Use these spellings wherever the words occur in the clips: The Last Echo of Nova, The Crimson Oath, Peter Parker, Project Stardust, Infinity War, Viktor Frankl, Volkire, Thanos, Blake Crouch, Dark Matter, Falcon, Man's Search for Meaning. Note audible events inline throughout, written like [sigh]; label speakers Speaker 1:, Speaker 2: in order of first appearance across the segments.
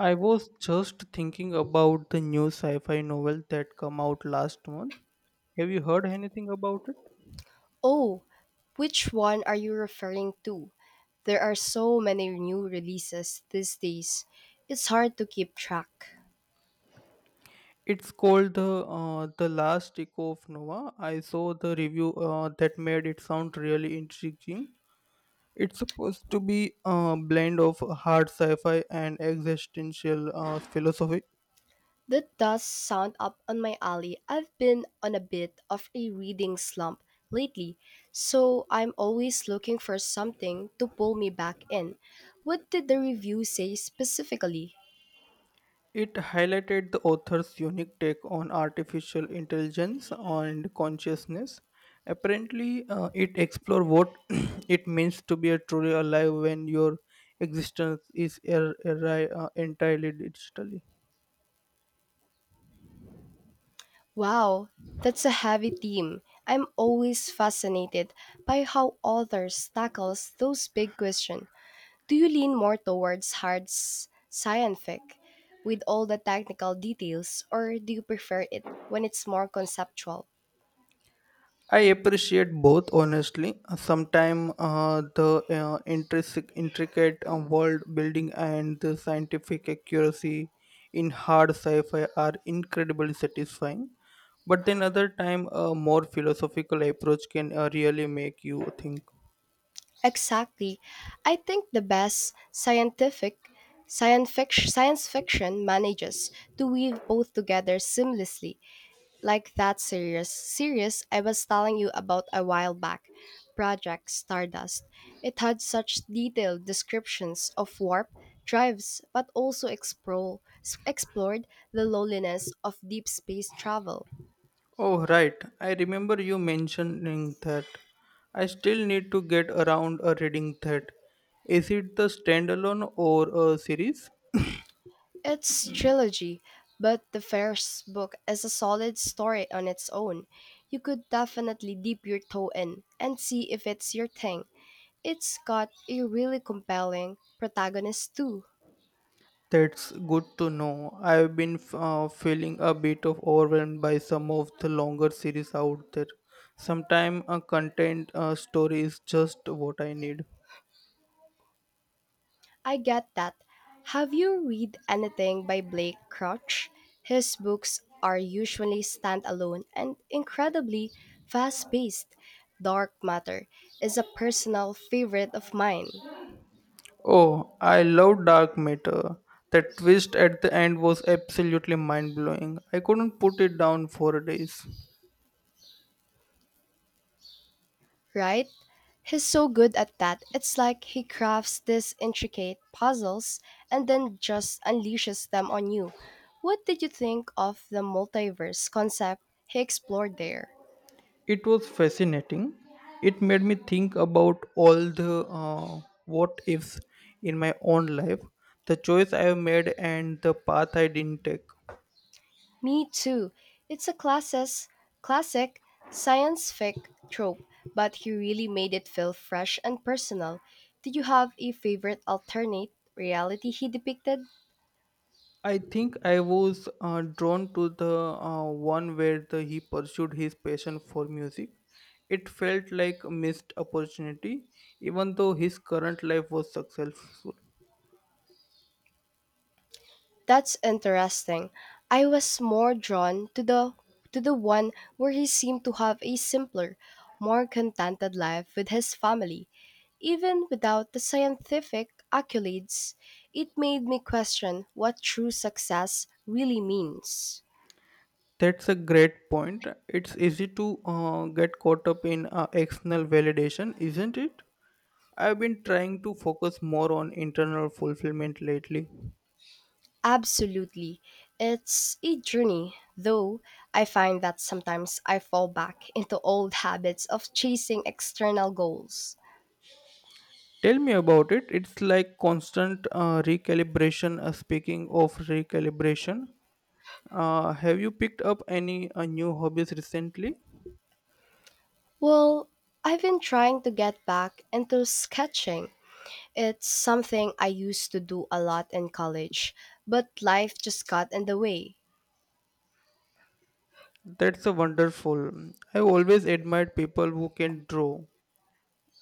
Speaker 1: I was just thinking about the new sci-fi novel that came out last month. Have you heard anything about it?
Speaker 2: Oh, which one are you referring to? There are so many new releases these days. It's hard to keep track.
Speaker 1: It's called the Last Echo of Nova. I saw the review that made it sound really intriguing. It's supposed to be a blend of hard sci-fi and existential philosophy.
Speaker 2: That does sound up on my alley. I've been on a bit of a reading slump lately, so I'm always looking for something to pull me back in. What did the review say specifically?
Speaker 1: It highlighted the author's unique take on artificial intelligence and consciousness. Apparently, it explored what [clears throat] it means to be a truly alive when your existence is entirely digital.
Speaker 2: Wow, that's a heavy theme. I'm always fascinated by how authors tackles those big questions. Do you lean more towards scientific with all the technical details, or do you prefer it when it's more conceptual?
Speaker 1: I appreciate both, honestly. Sometimes the intricate world building and the scientific accuracy in hard sci-fi are incredibly satisfying. But then other time, a more philosophical approach can really make you think.
Speaker 2: Exactly. I think the best scientific science fiction manages to weave both together seamlessly. Like that serious series I was telling you about a while back, Project Stardust. It had such detailed descriptions of warp drives, but also explored the loneliness of deep space travel.
Speaker 1: Oh, right. I remember you mentioning that. I still need to get around reading that. Is it the standalone or a series?
Speaker 2: It's trilogy, but the first book is a solid story on its own. You could definitely dip your toe in and see if it's your thing. It's got a really compelling protagonist too.
Speaker 1: That's good to know. I've been feeling a bit of overwhelmed by some of the longer series out there. Sometimes a content story is just what I need.
Speaker 2: I get that. Have you read anything by Blake Crouch? His books are usually standalone and incredibly fast paced. Dark Matter is a personal favorite of mine,
Speaker 1: Oh, I love Dark Matter. That twist at the end was absolutely mind blowing. I couldn't put it down for days.
Speaker 2: right? He's so good at that. It's like he crafts these intricate puzzles and then just unleashes them on you. What did you think of the multiverse concept he explored there?
Speaker 1: It was fascinating. It made me think about all the what ifs in my own life, the choice I have made, and the path I didn't take.
Speaker 2: Me too. It's a classic science fic trope, but he really made it feel fresh and personal. Do you have a favorite alternate reality he depicted?
Speaker 1: I think I was drawn to the one where he pursued his passion for music. It felt like a missed opportunity, even though his current life was successful.
Speaker 2: That's interesting. I was more drawn to the one where he seemed to have a simpler, more contented life with his family. Even without the scientific accolades, it made me question what true success really means.
Speaker 1: That's a great point. It's easy to get caught up in external validation, isn't it? I've been trying to focus more on internal fulfillment lately.
Speaker 2: Absolutely. It's a journey, though I find that sometimes I fall back into old habits of chasing external goals.
Speaker 1: Tell me about it. It's like constant recalibration. Speaking of recalibration, have you picked up any new hobbies recently?
Speaker 2: Well, I've been trying to get back into sketching. It's something I used to do a lot in college, but life just got in the way.
Speaker 1: That's a wonderful. I've always admired people who can draw.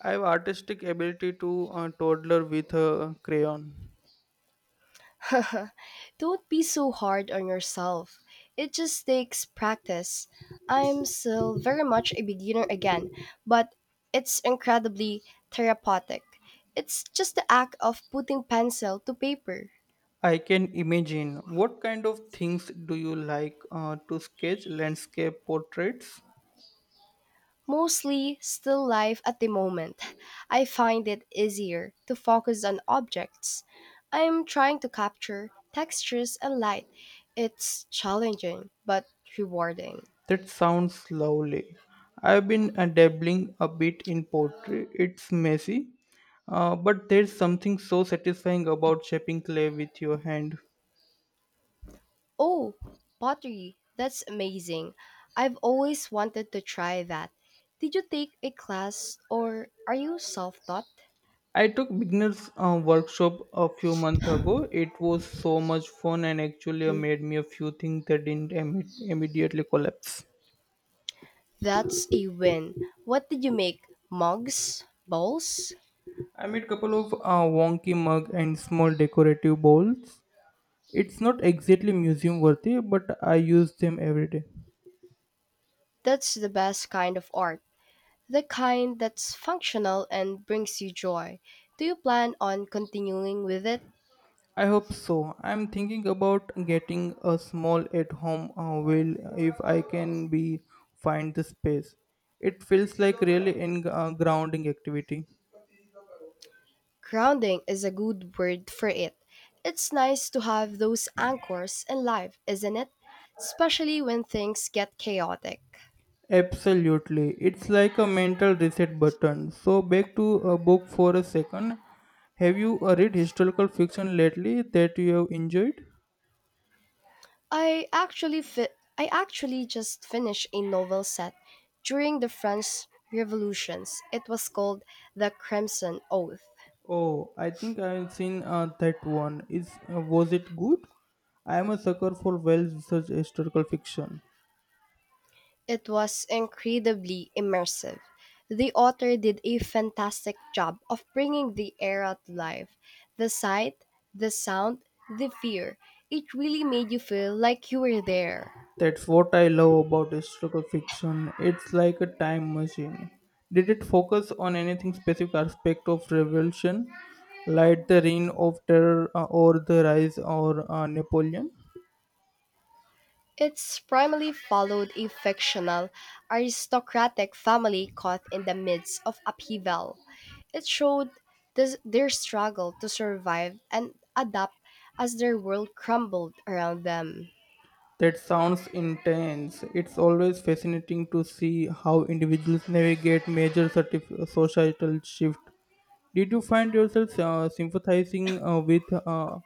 Speaker 1: I have artistic ability to toddler with a crayon.
Speaker 2: [laughs] Don't be so hard on yourself. It just takes practice. I'm still very much a beginner again, but it's incredibly therapeutic. It's just the act of putting pencil to paper.
Speaker 1: I can imagine. What kind of things do you like to sketch? Landscape portraits?
Speaker 2: Mostly still life at the moment. I find it easier to focus on objects. I'm trying to capture textures and light. It's challenging but rewarding.
Speaker 1: That sounds lovely. I've been dabbling a bit in pottery. It's messy, but there's something so satisfying about shaping clay with your hand.
Speaker 2: Oh, pottery. That's amazing. I've always wanted to try that. Did you take a class or are you self taught?
Speaker 1: I took beginners workshop a few months ago. It was so much fun and actually made me a few things that didn't immediately collapse.
Speaker 2: That's a win. What did you make? Mugs? Bowls?
Speaker 1: I made couple of wonky mug and small decorative bowls. It's not exactly museum worthy, but I use them every day.
Speaker 2: That's the best kind of art. The kind that's functional and brings you joy. Do you plan on continuing with it?
Speaker 1: I hope so. I'm thinking about getting a small at-home wheel if I can be find the space. It feels like really in grounding activity.
Speaker 2: Grounding is a good word for it. It's nice to have those anchors in life, isn't it? Especially when things get chaotic.
Speaker 1: Absolutely. It's like a mental reset button. So, back to a book for a second. Have you read historical fiction lately that you have enjoyed?
Speaker 2: I actually just finished a novel set during the French revolutions. It was called The Crimson Oath.
Speaker 1: Oh, I think I've seen that one. Is was it good? I am a sucker for well-researched historical fiction.
Speaker 2: It was incredibly immersive. The author did a fantastic job of bringing the era to life. The sight, the sound, the fear. It really made you feel like you were there.
Speaker 1: That's what I love about historical fiction. It's like a time machine. Did it focus on anything specific aspect of revolution, like the reign of terror or the rise or Napoleon?
Speaker 2: It's primarily followed a fictional aristocratic family caught in the midst of upheaval. It showed their struggle to survive and adapt as their world crumbled around them.
Speaker 1: That sounds intense. It's always fascinating to see how individuals navigate major societal shift. Did you find yourself sympathizing with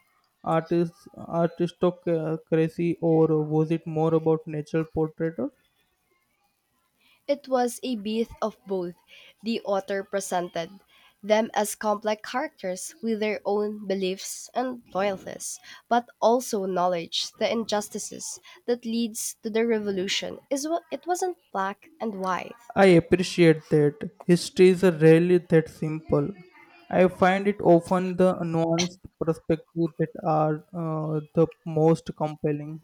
Speaker 1: artistocracy, or was it more about natural portraiture?
Speaker 2: It was a bit of both. The author presented them as complex characters with their own beliefs and loyalties, but also knowledge the injustices that leads to the revolution. Is what it wasn't black and white.
Speaker 1: I appreciate that. History is rarely that simple. I find it often the nuanced perspective that are the most compelling.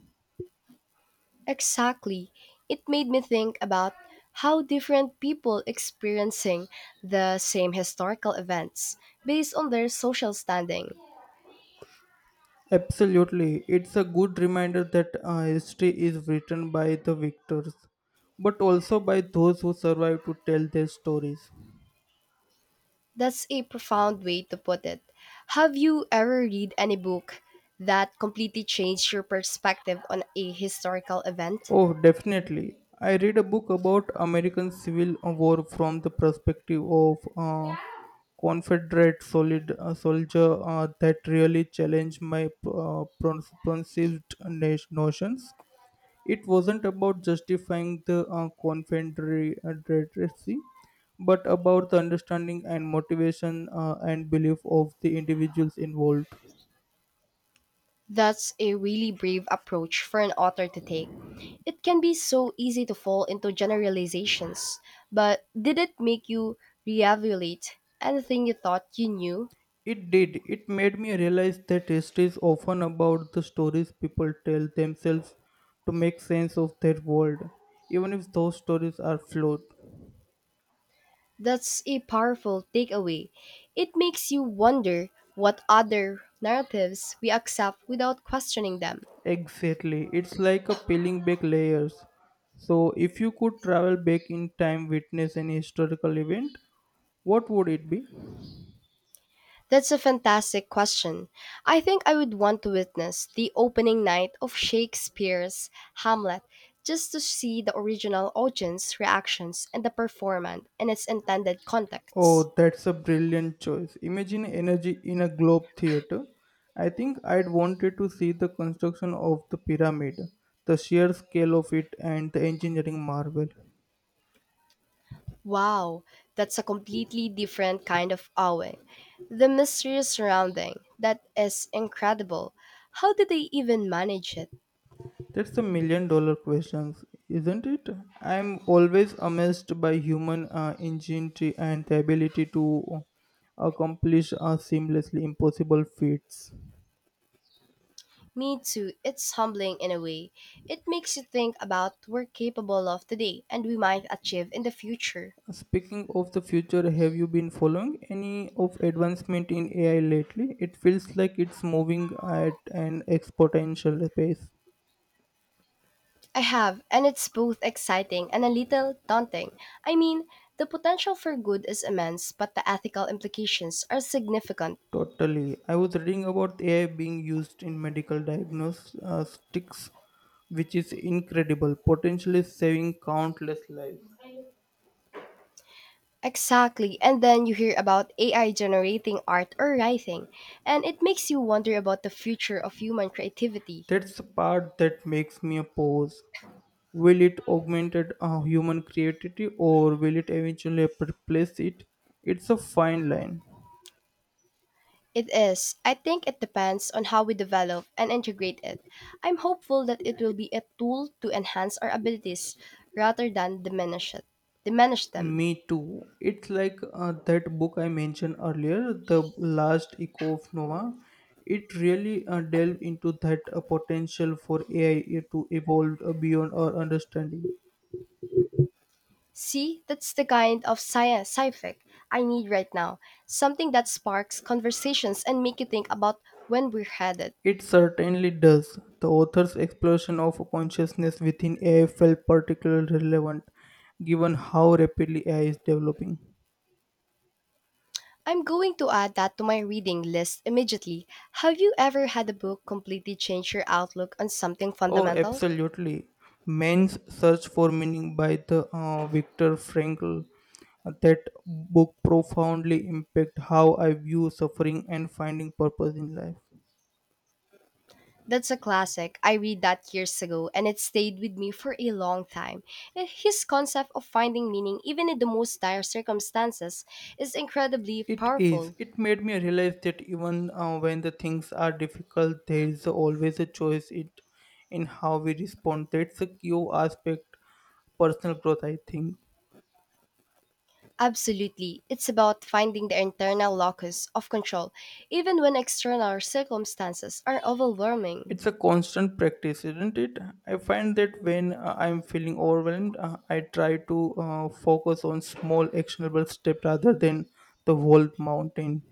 Speaker 2: Exactly. It made me think about how different people experiencing the same historical events based on their social standing.
Speaker 1: Absolutely. It's a good reminder that history is written by the victors, but also by those who survive to tell their stories.
Speaker 2: That's a profound way to put it. Have you ever read any book that completely changed your perspective on a historical event?
Speaker 1: Oh, definitely. I read a book about American Civil War from the perspective of a soldier that really challenged my preconceived notions. It wasn't about justifying the Confederacy, but about the understanding and motivation and belief of the individuals involved.
Speaker 2: That's a really brave approach for an author to take. It can be so easy to fall into generalizations, but did it make you reevaluate anything you thought you knew?
Speaker 1: It did. It made me realize that history is often about the stories people tell themselves to make sense of their world, even if those stories are flawed.
Speaker 2: That's a powerful takeaway. It makes you wonder what other narratives we accept without questioning them.
Speaker 1: Exactly. It's like a peeling back layers. So, if you could travel back in time, witness an historical event, what would it be?
Speaker 2: That's a fantastic question. I think I would want to witness the opening night of Shakespeare's Hamlet just to see the original audience reactions and the performance in its intended context.
Speaker 1: Oh, that's a brilliant choice. Imagine energy in a globe theater. I think I'd wanted to see the construction of the pyramid, the sheer scale of it, and the engineering marvel.
Speaker 2: Wow, that's a completely different kind of awing. The mystery surrounding that is incredible. How did they even manage it?
Speaker 1: That's a million dollar question, isn't it? I'm always amazed by human ingenuity and the ability to accomplish seamlessly impossible feats.
Speaker 2: Me too, it's humbling in a way. It makes you think about what we're capable of today and we might achieve in the future.
Speaker 1: Speaking of the future, have you been following any of advancement in AI lately? It feels like it's moving at an exponential pace.
Speaker 2: I have, and it's both exciting and a little daunting. I mean, the potential for good is immense, but the ethical implications are significant.
Speaker 1: Totally. I was reading about AI being used in medical diagnostics, which is incredible, potentially saving countless lives.
Speaker 2: Exactly, and then you hear about AI generating art or writing, and it makes you wonder about the future of human creativity.
Speaker 1: That's the part that makes me pause. Will it augment human creativity or will it eventually replace it? It's a fine line.
Speaker 2: It is. I think it depends on how we develop and integrate it. I'm hopeful that it will be a tool to enhance our abilities rather than diminish them.
Speaker 1: Me too. It's like that book I mentioned earlier, The Last Echo of Nova. It really delved into that potential for AI to evolve beyond our understanding.
Speaker 2: See, that's the kind of science fi I need right now. Something that sparks conversations and make you think about when we're headed.
Speaker 1: It certainly does. The author's exploration of consciousness within AI felt particularly relevant given how rapidly AI is developing.
Speaker 2: I'm going to add that to my reading list immediately. Have you ever had a book completely change your outlook on something
Speaker 1: Oh,
Speaker 2: fundamental?
Speaker 1: absolutely. Man's Search for Meaning by the Viktor Frankl. That book profoundly impacted how I view suffering and finding purpose in life.
Speaker 2: That's a classic. I read that years ago and it stayed with me for a long time. His concept of finding meaning even in the most dire circumstances is incredibly
Speaker 1: It is.
Speaker 2: powerful.
Speaker 1: It made me realize that even when the things are difficult, there is always a choice it in how we respond. That's a key aspect personal growth. I think
Speaker 2: Absolutely. It's about finding the internal locus of control, even when external circumstances are overwhelming.
Speaker 1: it's a constant practice, isn't it? I find that when I'm feeling overwhelmed, I try to focus on small actionable steps rather than the whole mountain.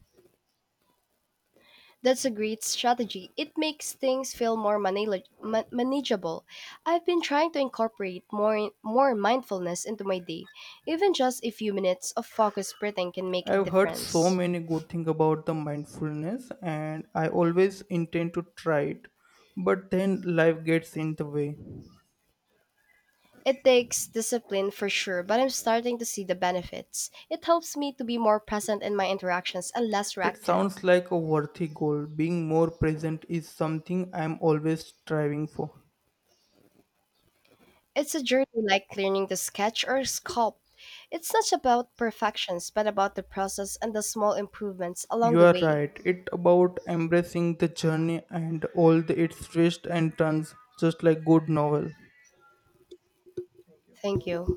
Speaker 2: That's a great strategy. It makes things feel more manageable. I've been trying to incorporate more mindfulness into my day. Even just a few minutes of focused breathing can make a
Speaker 1: I've heard so
Speaker 2: difference.
Speaker 1: many good things about the mindfulness, and I always intend to try it, but then life gets in the way.
Speaker 2: It takes discipline for sure, but I'm starting to see the benefits. It helps me to be more present in my interactions and less
Speaker 1: That
Speaker 2: reactive.
Speaker 1: sounds like a worthy goal. Being more present is something I'm always striving for.
Speaker 2: It's a journey like learning to sketch or sculpt. It's not about perfections, but about the process and the small improvements along
Speaker 1: You
Speaker 2: the
Speaker 1: are
Speaker 2: way.
Speaker 1: right. It about embracing the journey and all the its twists and turns, just like good novel.
Speaker 2: Thank you.